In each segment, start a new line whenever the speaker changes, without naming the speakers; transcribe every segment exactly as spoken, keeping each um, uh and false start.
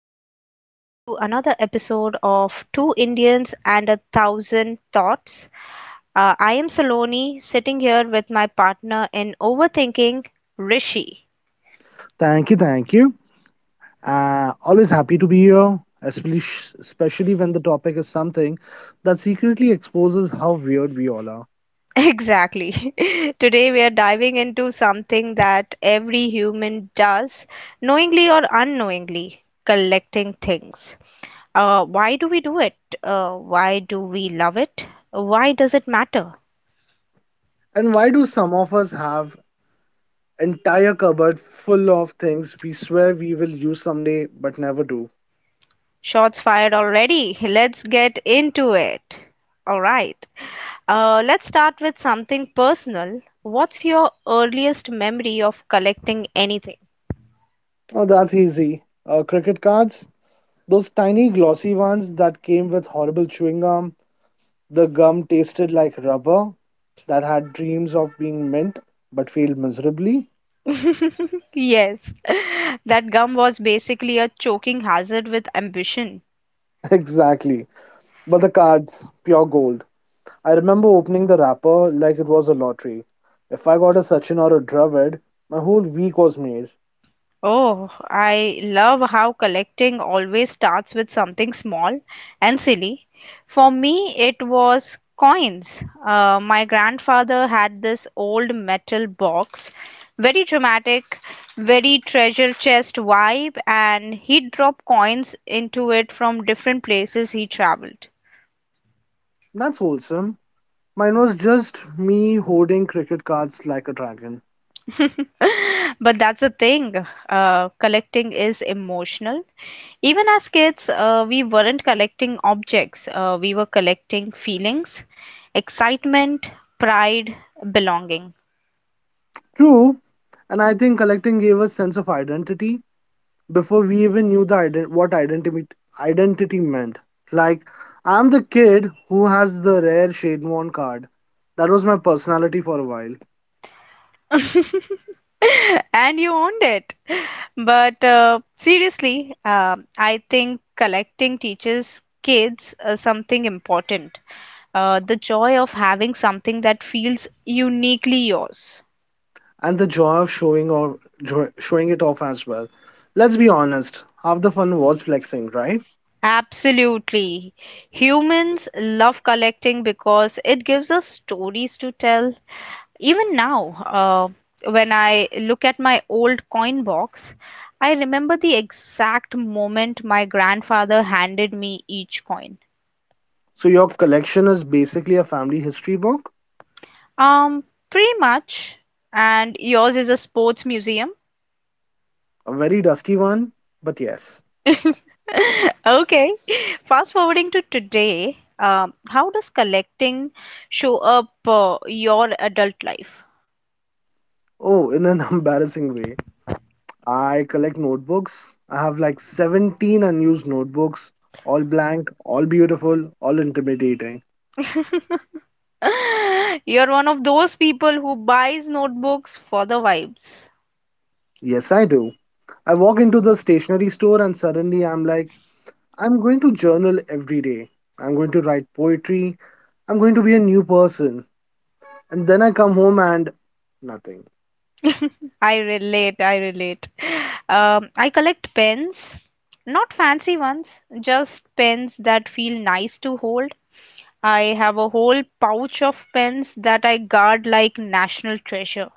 and welcome back to another episode of Two Indians and a Thousand Thoughts. Uh, I am Saloni, sitting here with my partner in overthinking, Rishi.
Thank you, thank you. Uh, always happy to be here, especially especially when the topic is something that secretly exposes how weird we all are.
Exactly. Today, we are diving into something that every human does, knowingly or unknowingly collecting things. Uh, why do we do it? Uh, why do we love it? Why does it matter?
And why do some of us have entire cupboard full of things we swear we will use someday but never do?
Shots fired already. Let's get into it. All right. Uh, let's start with something personal. What's your earliest memory of collecting anything?
Oh, that's easy. Uh, cricket cards, those tiny glossy ones that came with horrible chewing gum. The gum tasted like rubber that had dreams of being mint but failed miserably.
Yes, that gum was basically a choking hazard with ambition.
Exactly. But the cards, pure gold. I remember opening the wrapper like it was a lottery. If I got a Sachin or a Dravid, my whole week was made.
Oh, I love how collecting always starts with something small and silly. For me, it was coins. Uh, my grandfather had this old metal box, very dramatic, very treasure chest vibe, and he'd drop coins into it from different places he traveled.
That's wholesome. Mine was just me hoarding cricket cards like a dragon.
But that's the thing, uh, collecting is emotional. Even as kids, uh, we weren't collecting objects, uh, we were collecting feelings, excitement, pride, belonging.
True, and I think collecting gave us a sense of identity before we even knew the ident- what identity identity meant. Like, I'm the kid who has the rare Shademon card. That was my personality for a while.
And you owned it. But uh, seriously, um I think collecting teaches kids uh, something important, uh, the joy of having something that feels uniquely yours.
And the joy of showing or jo- showing it off as well. Let's be honest, half the fun was flexing, right?
Absolutely. Humans love collecting because it gives us stories to tell. Even now, uh, when I look at my old coin box, I remember the exact moment my grandfather handed me each coin.
So your collection is basically a family history book,
Um, Pretty much. And yours is a sports museum?
a very dusty one, but yes.
Okay. Fast forwarding to today, um, how does collecting show up uh, your adult life?
Oh, in an embarrassing way. I collect notebooks. I have like seventeen unused notebooks, all blank, all beautiful, all intimidating.
You're one of those people who buys notebooks for the vibes.
Yes, I do. I walk into the stationery store and suddenly I'm like, I'm going to journal every day. I'm going to write poetry. I'm going to be a new person. And then I come home and nothing.
I relate, I relate. Um, I collect pens, not fancy ones, just pens that feel nice to hold. I have a whole pouch of pens that I guard like national treasure.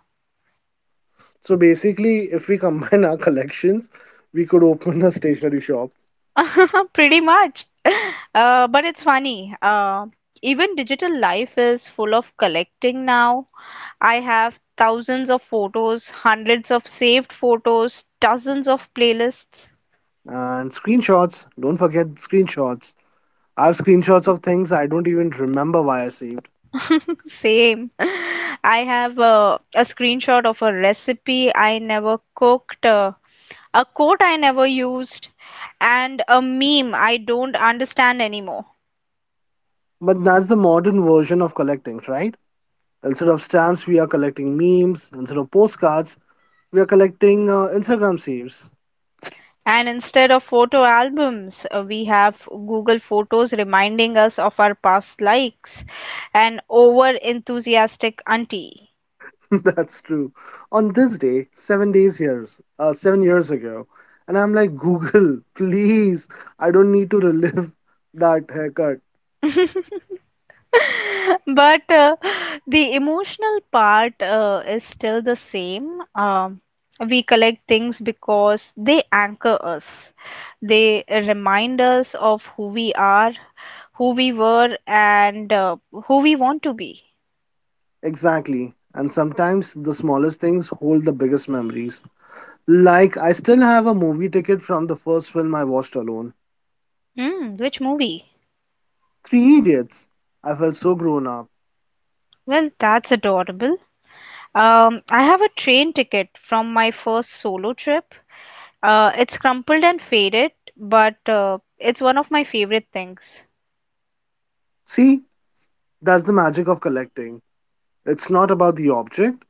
So basically, if we combine our collections, we could open a stationery shop.
Pretty much. Uh, but it's funny. Uh, even digital life is full of collecting now. I have thousands of photos, hundreds of saved photos, dozens of playlists.
And screenshots, don't forget screenshots. I have screenshots of things I don't even remember why I saved.
Same. I have a, a screenshot of a recipe I never cooked, uh, a quote I never used, and a meme I don't understand anymore.
But that's the modern version of collecting, right? Instead of stamps, we are collecting memes. Instead of postcards, we are collecting uh, Instagram saves.
And instead of photo albums, uh, we have Google Photos reminding us of our past likes, an over enthusiastic auntie.
That's true. On this day, seven days years, uh, seven years ago, and I'm like, Google, please, I don't need to relive that haircut.
But uh, the emotional part uh, is still the same. Um, we collect things because they anchor us. They remind us of who we are, who we were, and uh, who we want to be.
Exactly. And sometimes the smallest things hold the biggest memories. Like, I still have a movie ticket from the first film I watched alone.
Mm, which movie?
Three Idiots. I felt so grown up.
Well, that's adorable. Um, I have a train ticket from my first solo trip. Uh, it's crumpled and faded, but uh, it's one of my favorite things.
See, that's the magic of collecting. It's not about the object,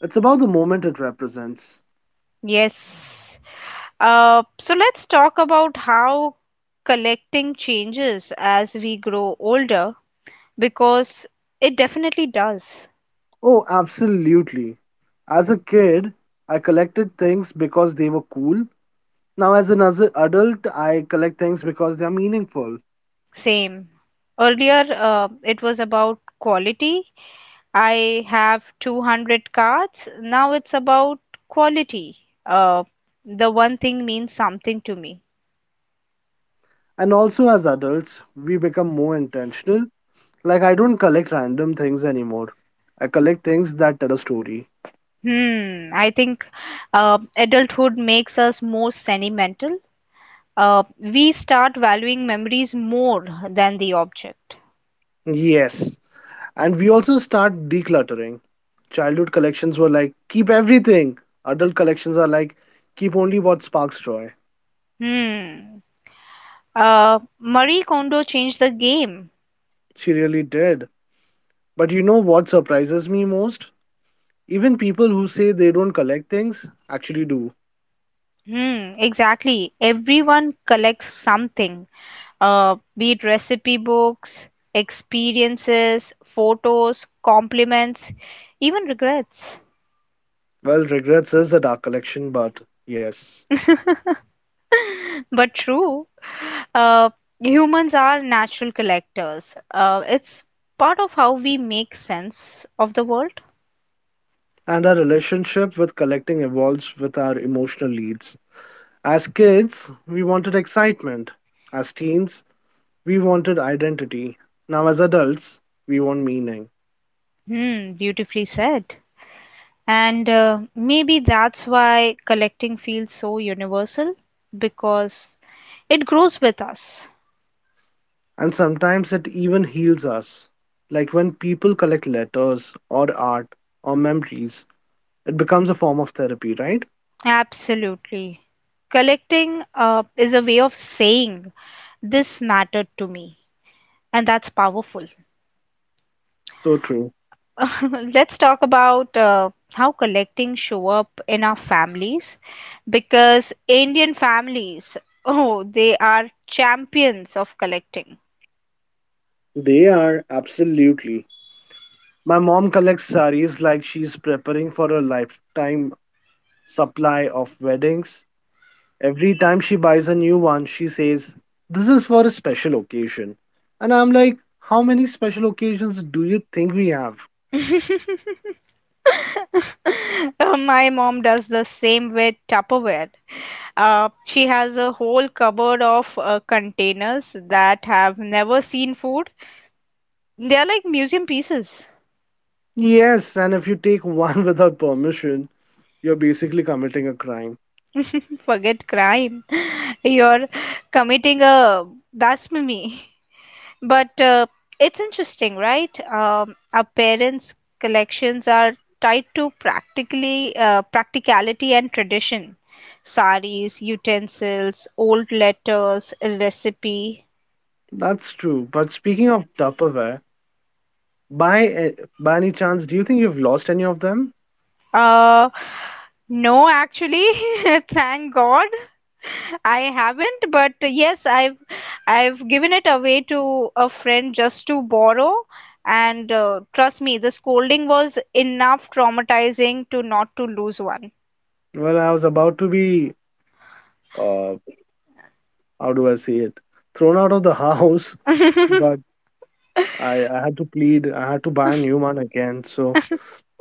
it's about the moment it represents.
Yes. Uh, so let's talk about how collecting changes as we grow older because it definitely does.
Oh, absolutely. As a kid, I collected things because they were cool. Now, as an as- adult, I collect things because they are meaningful.
Same. Earlier, uh, it was about quality. I have two hundred cards. Now it's about quality. Uh, the one thing means something to me.
And also, as adults, we become more intentional. Like, I don't collect random things anymore. I collect things that tell a story.
Hmm, I think uh, adulthood makes us more sentimental. Uh, we start valuing memories more than the object.
Yes. And we also start decluttering. Childhood collections were like, keep everything. Adult collections are like, keep only what sparks joy.
Hmm. Uh, Marie Kondo changed the game.
She really did. But you know what surprises me most? Even people who say they don't collect things actually do.
Hmm, exactly. Everyone collects something, uh, be it recipe books, experiences, photos, compliments, even regrets.
Well, regrets is a dark collection, but yes.
But true. Uh, Humans are natural collectors. Uh, it's part of how we make sense of the world.
And our relationship with collecting evolves with our emotional needs. As kids, we wanted excitement. As teens, we wanted identity. Now, as adults, we want meaning.
Hmm, beautifully said. And uh, maybe that's why collecting feels so universal because it grows with us.
And sometimes it even heals us. Like when people collect letters or art or memories, it becomes a form of therapy, right?
Absolutely. Collecting uh, is a way of saying this mattered to me, and that's powerful.
So true.
Let's talk about uh, how collecting show up in our families because Indian families, oh, they are champions of collecting.
They are absolutely. My mom collects saris like she's preparing for a lifetime supply of weddings. Every time she buys a new one, she says, "This is for a special occasion." And I'm like, "How many special occasions do you think we have?"
Uh, My mom does the same with Tupperware. Uh, she has a whole cupboard of uh, containers that have never seen food. They are like museum pieces.
Yes, and if you take one without permission, you're basically committing a crime.
Forget crime. You're committing a blasphemy. But uh, it's interesting, right? Um, our parents' collections are tied to practically uh, practicality and tradition. Saris, utensils, old letters, a recipe.
That's true. But speaking of Tupperware, by, eh, by any chance, do you think you've lost any of them?
Uh, no, actually, thank God. I haven't, but yes, I've I've given it away to a friend just to borrow, and uh, trust me, the scolding was enough traumatizing to not to lose one.
Well, I was about to be uh, how do I say it? Thrown out of the house, but I, I had to plead. I had to buy a new one again. So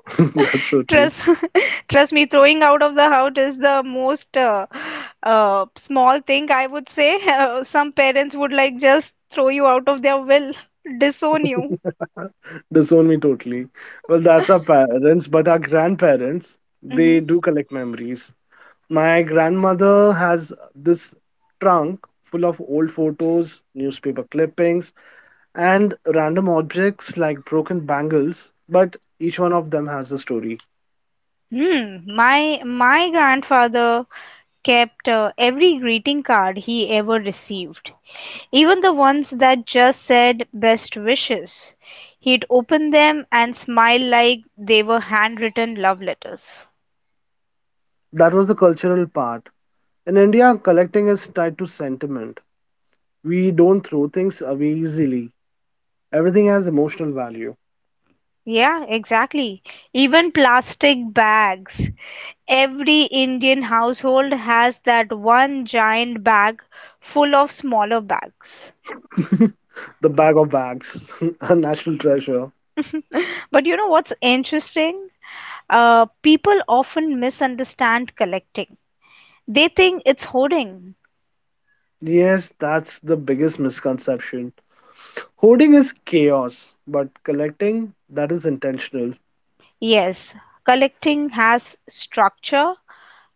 that's so true.
Trust, trust me, throwing out of the house is the most uh, uh, small thing I would say. Uh, some parents would like just throw you out of their will, disown you.
Disown me totally. Well, that's our parents, but our grandparents, they
hmm
do collect memories. My grandmother has this trunk full of old photos, newspaper clippings, and random objects like broken bangles, but each one of them has a story.
Hmm. My my grandfather kept uh, every greeting card he ever received, even the ones that just said best wishes. He'd open them and smile like they were handwritten love letters.
That was the cultural part. In India, collecting is tied to sentiment. We don't throw things away easily. Everything has emotional value.
Yeah, exactly. Even plastic bags. Every Indian household has that one giant bag full of smaller bags.
The bag of bags, a national treasure.
But you know what's interesting? Uh, people often misunderstand collecting. They think it's hoarding.
Yes, that's the biggest misconception. Hoarding is chaos, but collecting, that is intentional.
Yes, collecting has structure,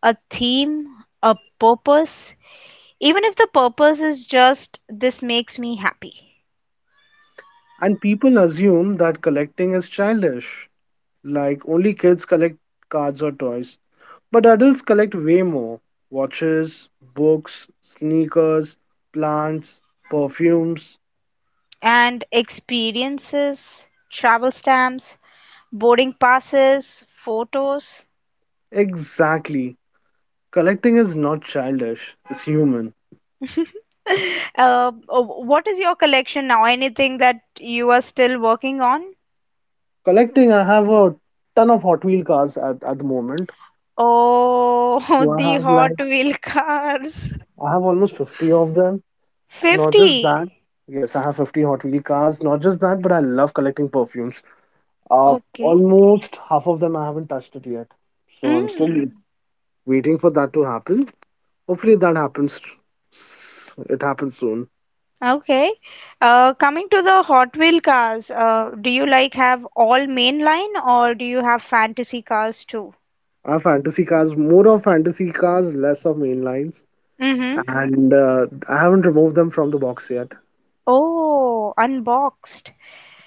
a theme, a purpose, even if the purpose is just this makes me happy.
And people assume that collecting is childish, like only kids collect cards or toys. But adults collect way more watches, books, sneakers, plants, perfumes.
And experiences, travel stamps, boarding passes, photos.
Exactly. Collecting is not childish, it's human.
uh, what is your collection now? Anything that you are still working on?
Collecting, I have a ton of Hot Wheel cars at, at the moment.
Oh,
So I
the
have
Hot
like,
Wheel cars.
I have almost fifty of them. Not just
fifty.
that, yes, I have fifty Hot Wheel cars. Not just that, but I love collecting perfumes. Uh,
Okay.
almost half of them I haven't touched it yet. So I'm still
Mm,
waiting for that to happen. Hopefully that happens. s- It happens soon.
okay. Uh, coming to the Hot Wheel cars, uh, do you like have all mainline or do you have fantasy cars too?
I have fantasy cars, more of fantasy cars, less of mainlines.
Mm-hmm.
and uh, I haven't removed them from the box yet.
Oh, unboxed.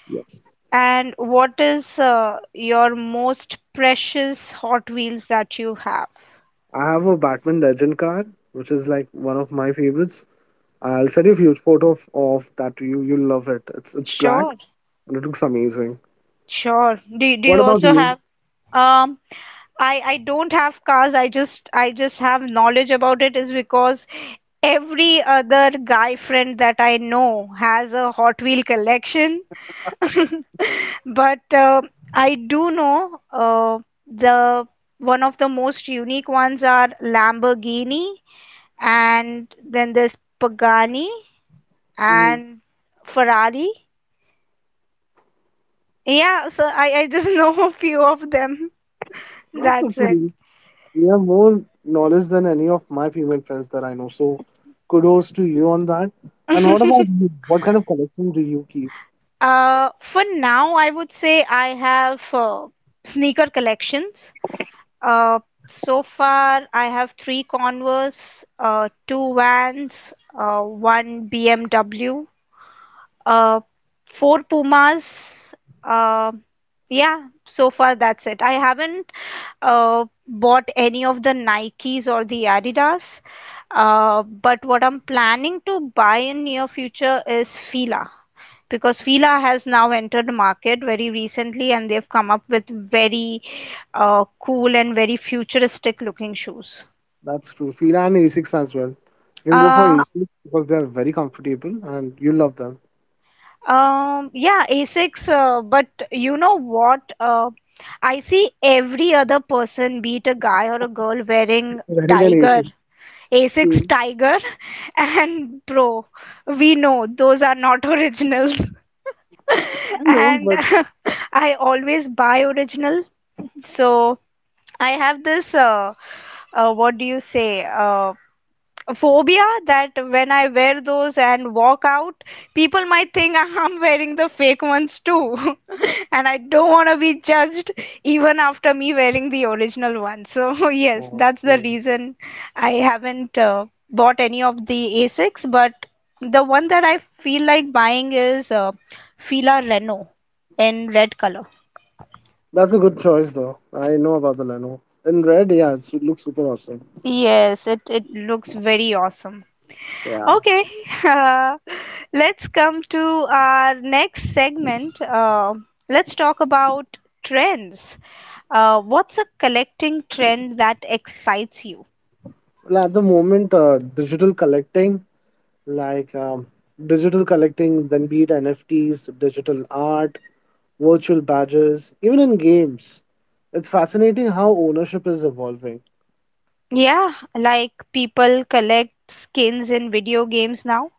Yes,
And what is uh, your most precious Hot Wheels that you have?
I have a Batman Legend card, which is like one of my favorites. I'll send you a few photo of, of that to you. You'll love it. It's it's black
Sure,
and it looks amazing.
sure. Do, do you
What about
also
you?
have um I I don't have cars. I just I just have knowledge about it is because every other guy friend that I know has a Hot Wheel collection. But uh, I do know uh, the one of the most unique ones are Lamborghini and then there's Pagani
Mm,
and Ferrari. Yeah, so I, I just know a few of them.
not so
That's it.
few. You have more knowledge than any of my female friends that I know. So, kudos to you on that. And what about you? What kind of collection do you keep?
Uh, for now, I would say I have uh, sneaker collections. Uh, so far, I have three Converse, uh, two Vans, uh, one B M W, uh, four Pumas. Uh, yeah, so far that's it. I haven't uh, bought any of the Nikes or the Adidas. Uh, but what I'm planning to buy in near future is Fila because Fila has now entered the market very recently and they've come up with very uh, cool and very futuristic looking shoes.
That's true. Fila and Asics as well. You can go for
Uh,
Asics because they are very comfortable and you love them.
um, yeah, Asics, uh, but you know what? Uh, I see every other person, be it a guy or a girl, wearing
Very
Tiger,
uneasy.
Asics
Mm.
Tiger, and Pro. We know those are not original.
I know,
and
but
I always buy original. So I have this uh, uh, what do you say uh, phobia that when I wear those and walk out, people might think I'm wearing the fake ones too. and I don't want to be judged even after me wearing the original one. So, yes,
oh,
that's the
well,
reason I haven't uh, bought any of the Asics, but the one that I feel like buying is uh, Fila Reno in red color.
that's a good choice though. I know about the Leno. In red, yeah, it's, it looks super awesome.
Yes, it, it looks very awesome.
Yeah.
Okay, uh, let's come to our next segment. Uh, let's talk about trends. Uh, what's a collecting trend that excites you?
Well, at the moment, uh, digital collecting, like um, digital collecting, then be it N F Ts, digital art, virtual badges, even in games, it's fascinating how ownership is evolving.
Yeah, like people collect skins in video games now,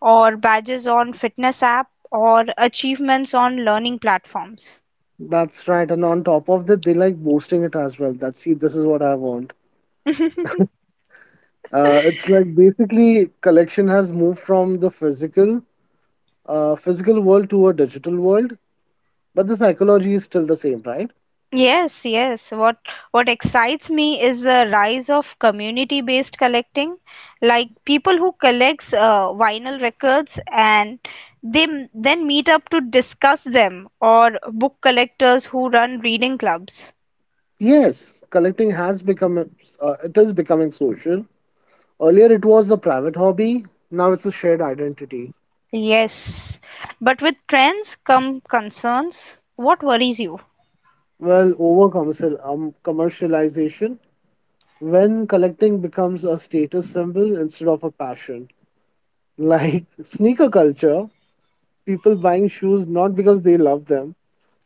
or badges on fitness app, or achievements on learning platforms.
That's right. And on top of that, they like boosting it as well. That see, this is what I want. Uh, it's like basically collection has moved from the physical uh, physical world to a digital world, but the psychology is still the same, right?
Yes, yes. What what excites me is the rise of community-based collecting, like people who collects uh, vinyl records and they m- then meet up to discuss them, or book collectors who run reading clubs.
Yes, collecting has become uh, it is becoming social. Earlier, it was a private hobby. Now it's a shared identity.
Yes, but with trends come concerns. What worries you?
Well, over commercial um, commercialization, when collecting becomes a status symbol instead of a passion, like sneaker culture, people buying shoes not because they love them,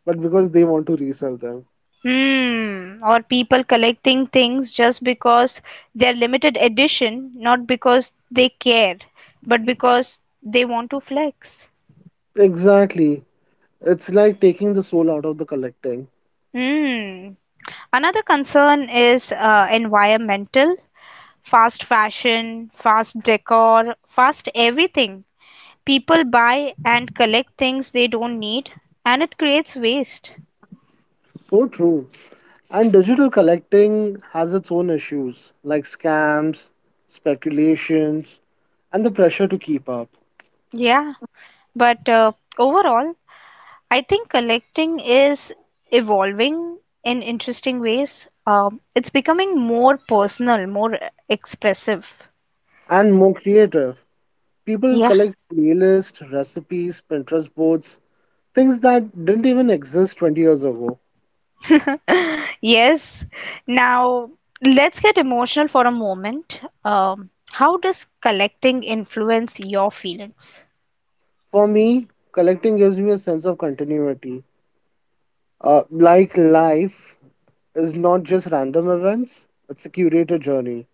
but because they want to resell them.
Hmm, or people collecting things just because they're limited edition, not because they care, but because they want to flex.
Exactly. It's like taking the soul out of the collecting.
Hmm. Another concern is uh, environmental, fast fashion, fast decor, fast everything. People buy and collect things they don't need, and it creates waste.
So true. And digital collecting has its own issues like scams, speculations, and the pressure to keep up.
Yeah. But uh, overall, I think collecting is evolving in interesting ways. Um, it's becoming more personal, more expressive.
And more creative. People
Yeah.
collect playlists, recipes, Pinterest boards, things that didn't even exist twenty years ago.
Yes. Now, let's get emotional for a moment. Um, how does collecting influence your feelings?
For me, collecting gives me a sense of continuity. Uh, like life is not just random events, it's a curated journey.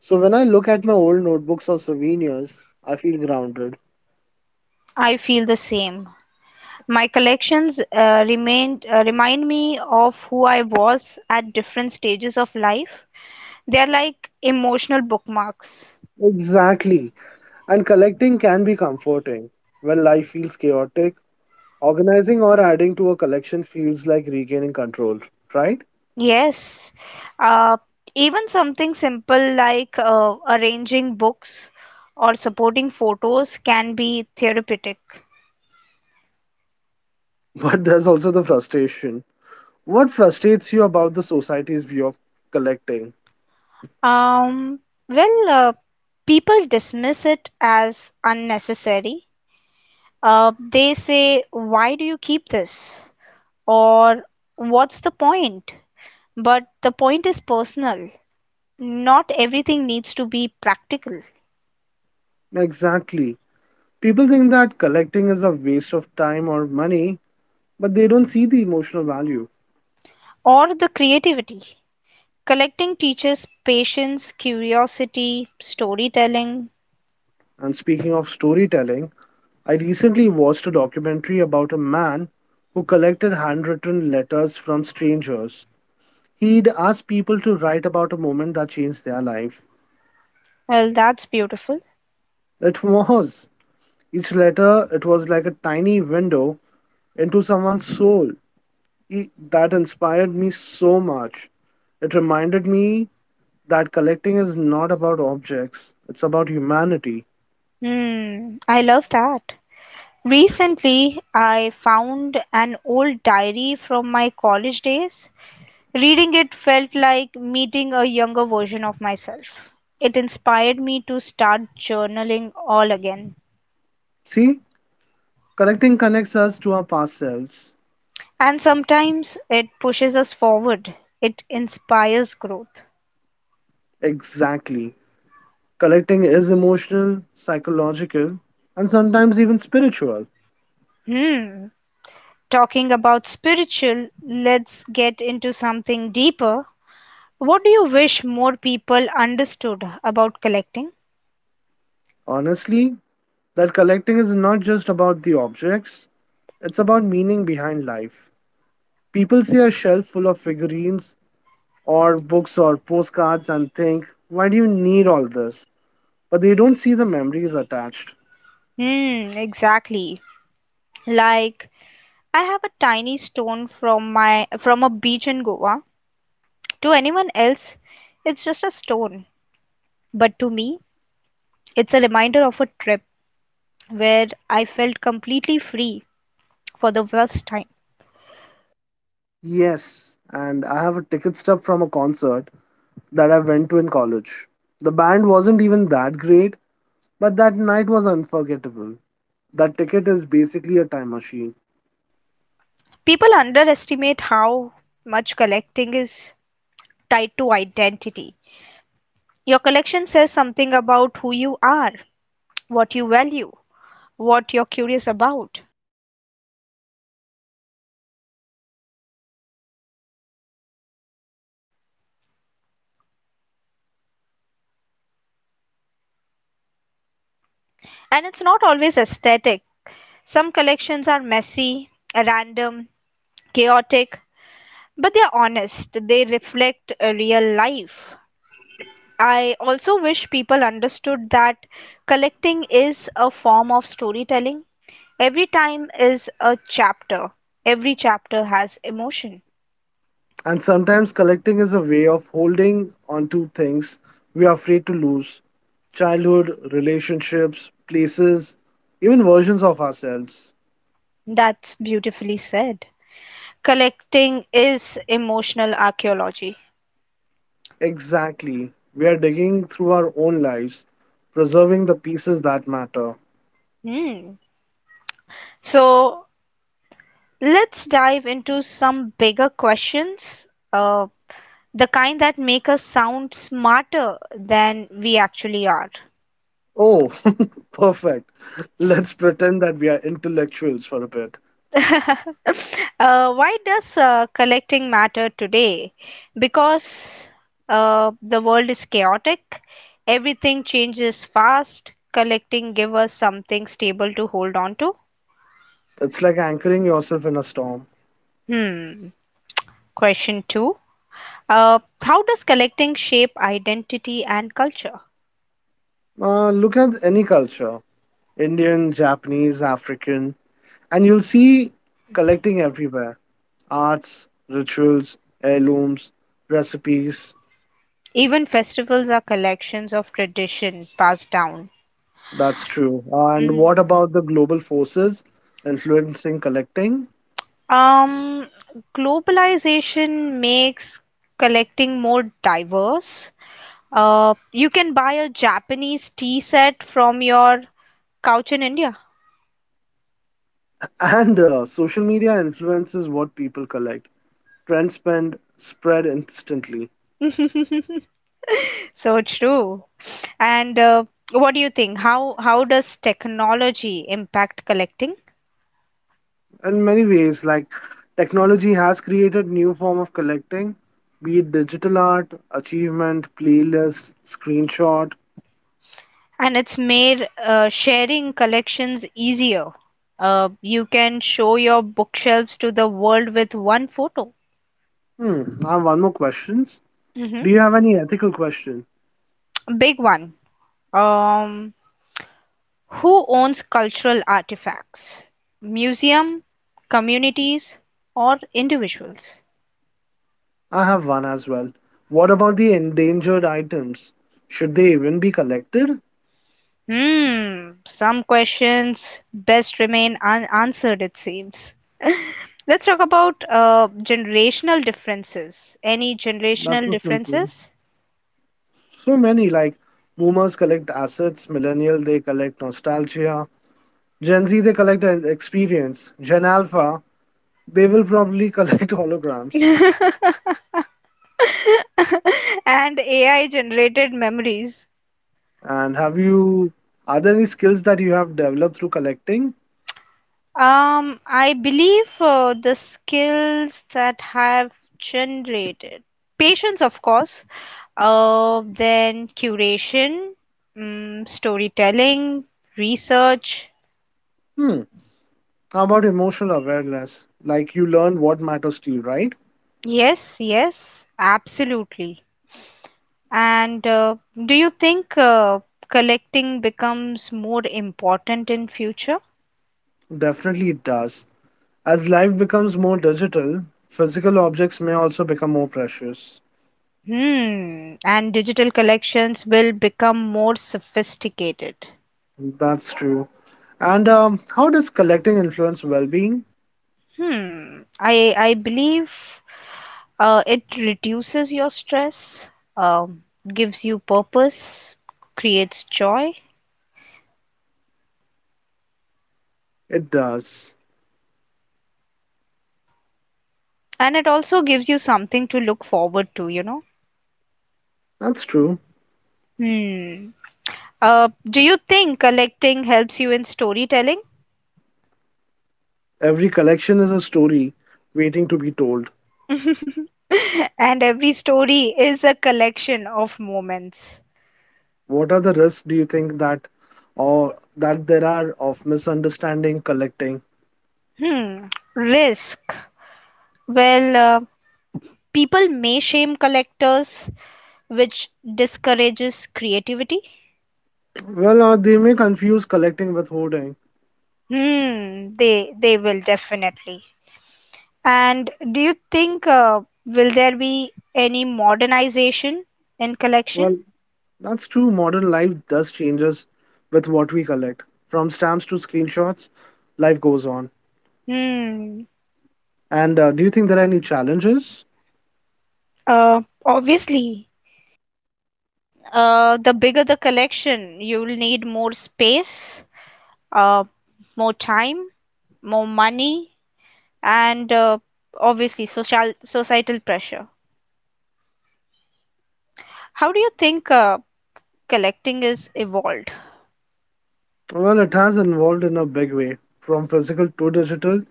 So when I look at my old notebooks or souvenirs, I feel grounded.
I feel the same. My collections uh, remained uh, remind me of who I was at different stages of life. They're like emotional bookmarks.
Exactly. And collecting can be comforting. When life feels chaotic, organizing or adding to a collection feels like regaining control, right?
Yes. Uh, Even something simple like uh, arranging books or supporting photos can be therapeutic.
But there's also the frustration. What frustrates you about the society's view of collecting?
Um, well, uh, people dismiss it as unnecessary. Uh, they say, "Why do you keep this?" Or "What's the point?" But the point is personal. Not everything needs to be practical.
Exactly. People think that collecting is a waste of time or money, but they don't see the emotional value.
Or the creativity. Collecting teaches patience, curiosity, storytelling.
And speaking of storytelling, I recently watched a documentary about a man who collected handwritten letters from strangers. He'd asked people to write about a moment that changed their life.
Well, that's beautiful.
It was. Each letter, it was like a tiny window into someone's soul. E- That inspired me so much. It reminded me that collecting is not about objects, it's about humanity.
Hmm, I love that. Recently, I found an old diary from my college days. Reading it felt like meeting a younger version of myself. It inspired me to start journaling all again.
See, collecting connects us to our past selves.
And sometimes it pushes us forward, it inspires growth.
Exactly. Collecting is emotional, psychological, and sometimes even spiritual.
Hmm, talking about spiritual, let's get into something deeper. What do you wish more people understood about collecting?
Honestly, that collecting is not just about the objects, it's about meaning behind life. People see a shelf full of figurines or books or postcards and think, why do you need all this? But they don't see the memories attached.
Hmm, exactly. Like I have a tiny stone from my from a beach in Goa. To anyone else, it's just a stone, but to me, it's a reminder of a trip where I felt completely free for the first time.
Yes, and I have a ticket stub from a concert that I went to in college. The band wasn't even that great, but that night was unforgettable. That ticket is basically a time machine.
People underestimate how much collecting is tied to identity. Your collection says something about who you are, what you value, what you're curious about. And it's not always aesthetic. Some collections are messy, random, chaotic, but they're honest. They reflect a real life. I also wish people understood that collecting is a form of storytelling. Every time is a chapter. Every chapter has emotion.
And sometimes collecting is a way of holding on to things we are afraid to lose: childhood, relationships, places, even versions of ourselves.
That's beautifully said. Collecting is emotional archaeology.
Exactly. We are digging through our own lives, preserving the pieces that matter.
Hmm. So let's dive into some bigger questions, uh, the kind that make us sound smarter than we actually are.
Oh, perfect. Let's pretend that we are intellectuals for a bit.
Uh, why does uh, collecting matter today? Because uh, the world is chaotic, everything changes fast. Collecting give us something stable to hold on to.
It's like anchoring yourself in a storm.
Hmm. Question two. Uh, how does collecting shape identity and culture?
Uh, look at any culture: Indian, Japanese, African, and you'll see collecting everywhere. Arts, rituals, heirlooms, recipes.
Even festivals are collections of tradition passed down.
That's true. And
Mm.
what about the global forces influencing collecting?
Um, Globalization makes collecting more diverse. Uh, you can buy a Japanese tea set from your couch in India.
And uh, social media influences what people collect. Trends spend, spread instantly.
So true. And uh, what do you think? How how does technology impact collecting?
In many ways, like technology has created new form of collecting, be it digital art, achievement, playlists, screenshot.
And it's made uh, sharing collections easier. Uh, you can show your bookshelves to the world with one photo.
Hmm, I have one more questions. Do
Hmm.
you have any ethical questions?
Big one. Um, who owns cultural artifacts? Museum, communities, or individuals?
I have one as well. What about the endangered items? Should they even be collected?
Hmm, some questions best remain unanswered, it seems. Let's talk about uh, generational differences. Any
That's so
generational
simple.
differences?
So many like boomers collect assets, millennial they collect nostalgia, Gen Z they collect an experience, Gen Alpha they will probably collect holograms.
And A I generated memories.
And have you are there any skills that you have developed through collecting?
Um, I believe uh, the skills that have generated patience, of course, uh, then curation, mm, storytelling, research.
Hmm. How about emotional awareness? Like you learn what matters to you, right?
Yes, yes, absolutely. And uh, do you think uh, collecting becomes more important in future?
Definitely it does. As life becomes more digital, physical objects may also become more precious.
Hmm, and digital collections will become more sophisticated.
That's true. And um, how does collecting influence well being?
Hmm, I I believe uh, it reduces your stress, um, gives you purpose, creates joy,
It does.
and it also gives you something to look forward to, you know.
That's true.
Hmm. Uh, do you think collecting helps you in storytelling?
Every collection is a story waiting to be told.
And every story is a collection of moments.
What are the risks do you think that or that there are of misunderstanding collecting?
Hmm. Risk. Well, uh, people may shame collectors, which discourages creativity.
Well, uh, they may confuse collecting with hoarding.
Hmm, they they will definitely. And do you think uh, will there be any modernization in collection?
Well, that's true. Modern life does changes with what we collect. From stamps to screenshots, life goes on.
Hmm.
And uh, do you think there are any challenges?
Uh, obviously, uh, the bigger the collection, you'll need more space, uh, more time, more money, and uh, obviously social societal pressure. How do you think uh, collecting is evolved?
Well, it has evolved in a big way from physical to digital.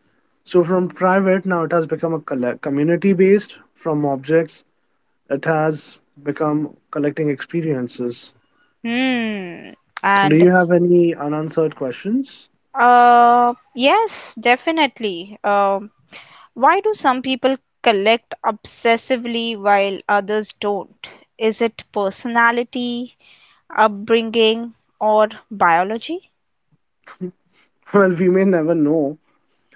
So, from private, now it has become a community based. From objects, it has become collecting experiences.
Hmm.
Do
And
you have any unanswered questions?
uh, yes, definitely. Um, why do some people collect obsessively while others don't? Is it personality, upbringing, or biology?
Well, we may never know.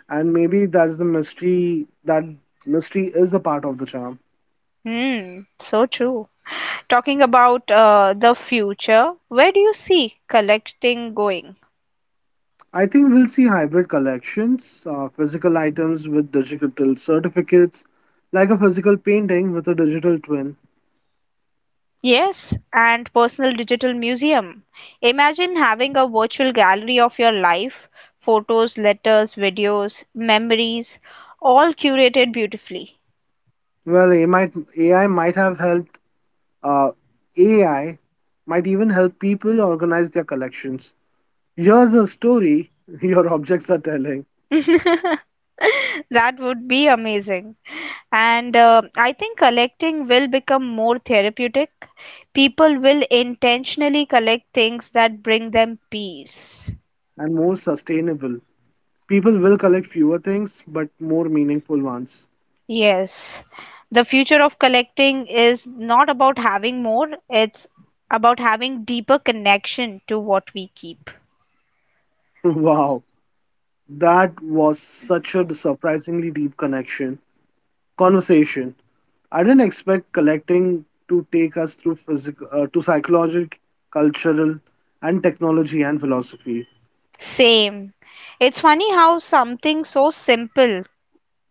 And maybe that's the mystery, that mystery is a part of the charm.
Hmm. So true. Talking about uh, the future, where do you see collecting going?
I think we'll see hybrid collections, uh, physical items with digital certificates, like a physical painting with a digital twin.
Yes, and personal digital museum. Imagine having a virtual gallery of your life, photos, letters, videos, memories, all curated beautifully.
Well, AI might, AI might have helped, uh, A I might even help people organize their collections. Here's the story your objects are telling,
That would be amazing. And uh, I think collecting will become more therapeutic. People will intentionally collect things that bring them peace.
and more sustainable. People will collect fewer things, but more meaningful ones.
Yes, the future of collecting is not about having more, it's about having deeper connection to what we keep.
Wow, that was such a surprisingly deep connection. Conversation. I didn't expect collecting to take us through physical, uh, to psychological, cultural, and technology and philosophy.
Same. It's funny how something so simple,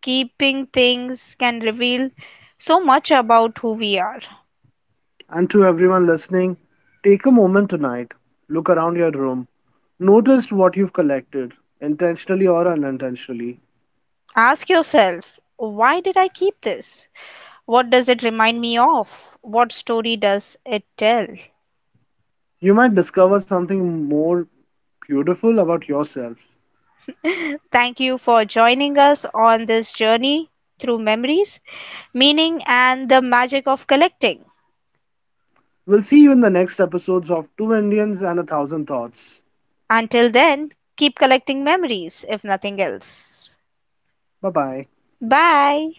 keeping things, can reveal so much about who we are.
And to everyone listening, take a moment tonight. Look around your room. Notice what you've collected, intentionally or unintentionally.
Ask yourself, why did I keep this? What does it remind me of? What story does it tell?
You might discover something more beautiful about yourself.
Thank you for joining us on this journey through memories, meaning, and the magic of collecting.
We'll see you in the next episodes of Two Indians and a Thousand Thoughts.
Until then, keep collecting memories, if nothing else.
Bye bye.
Bye.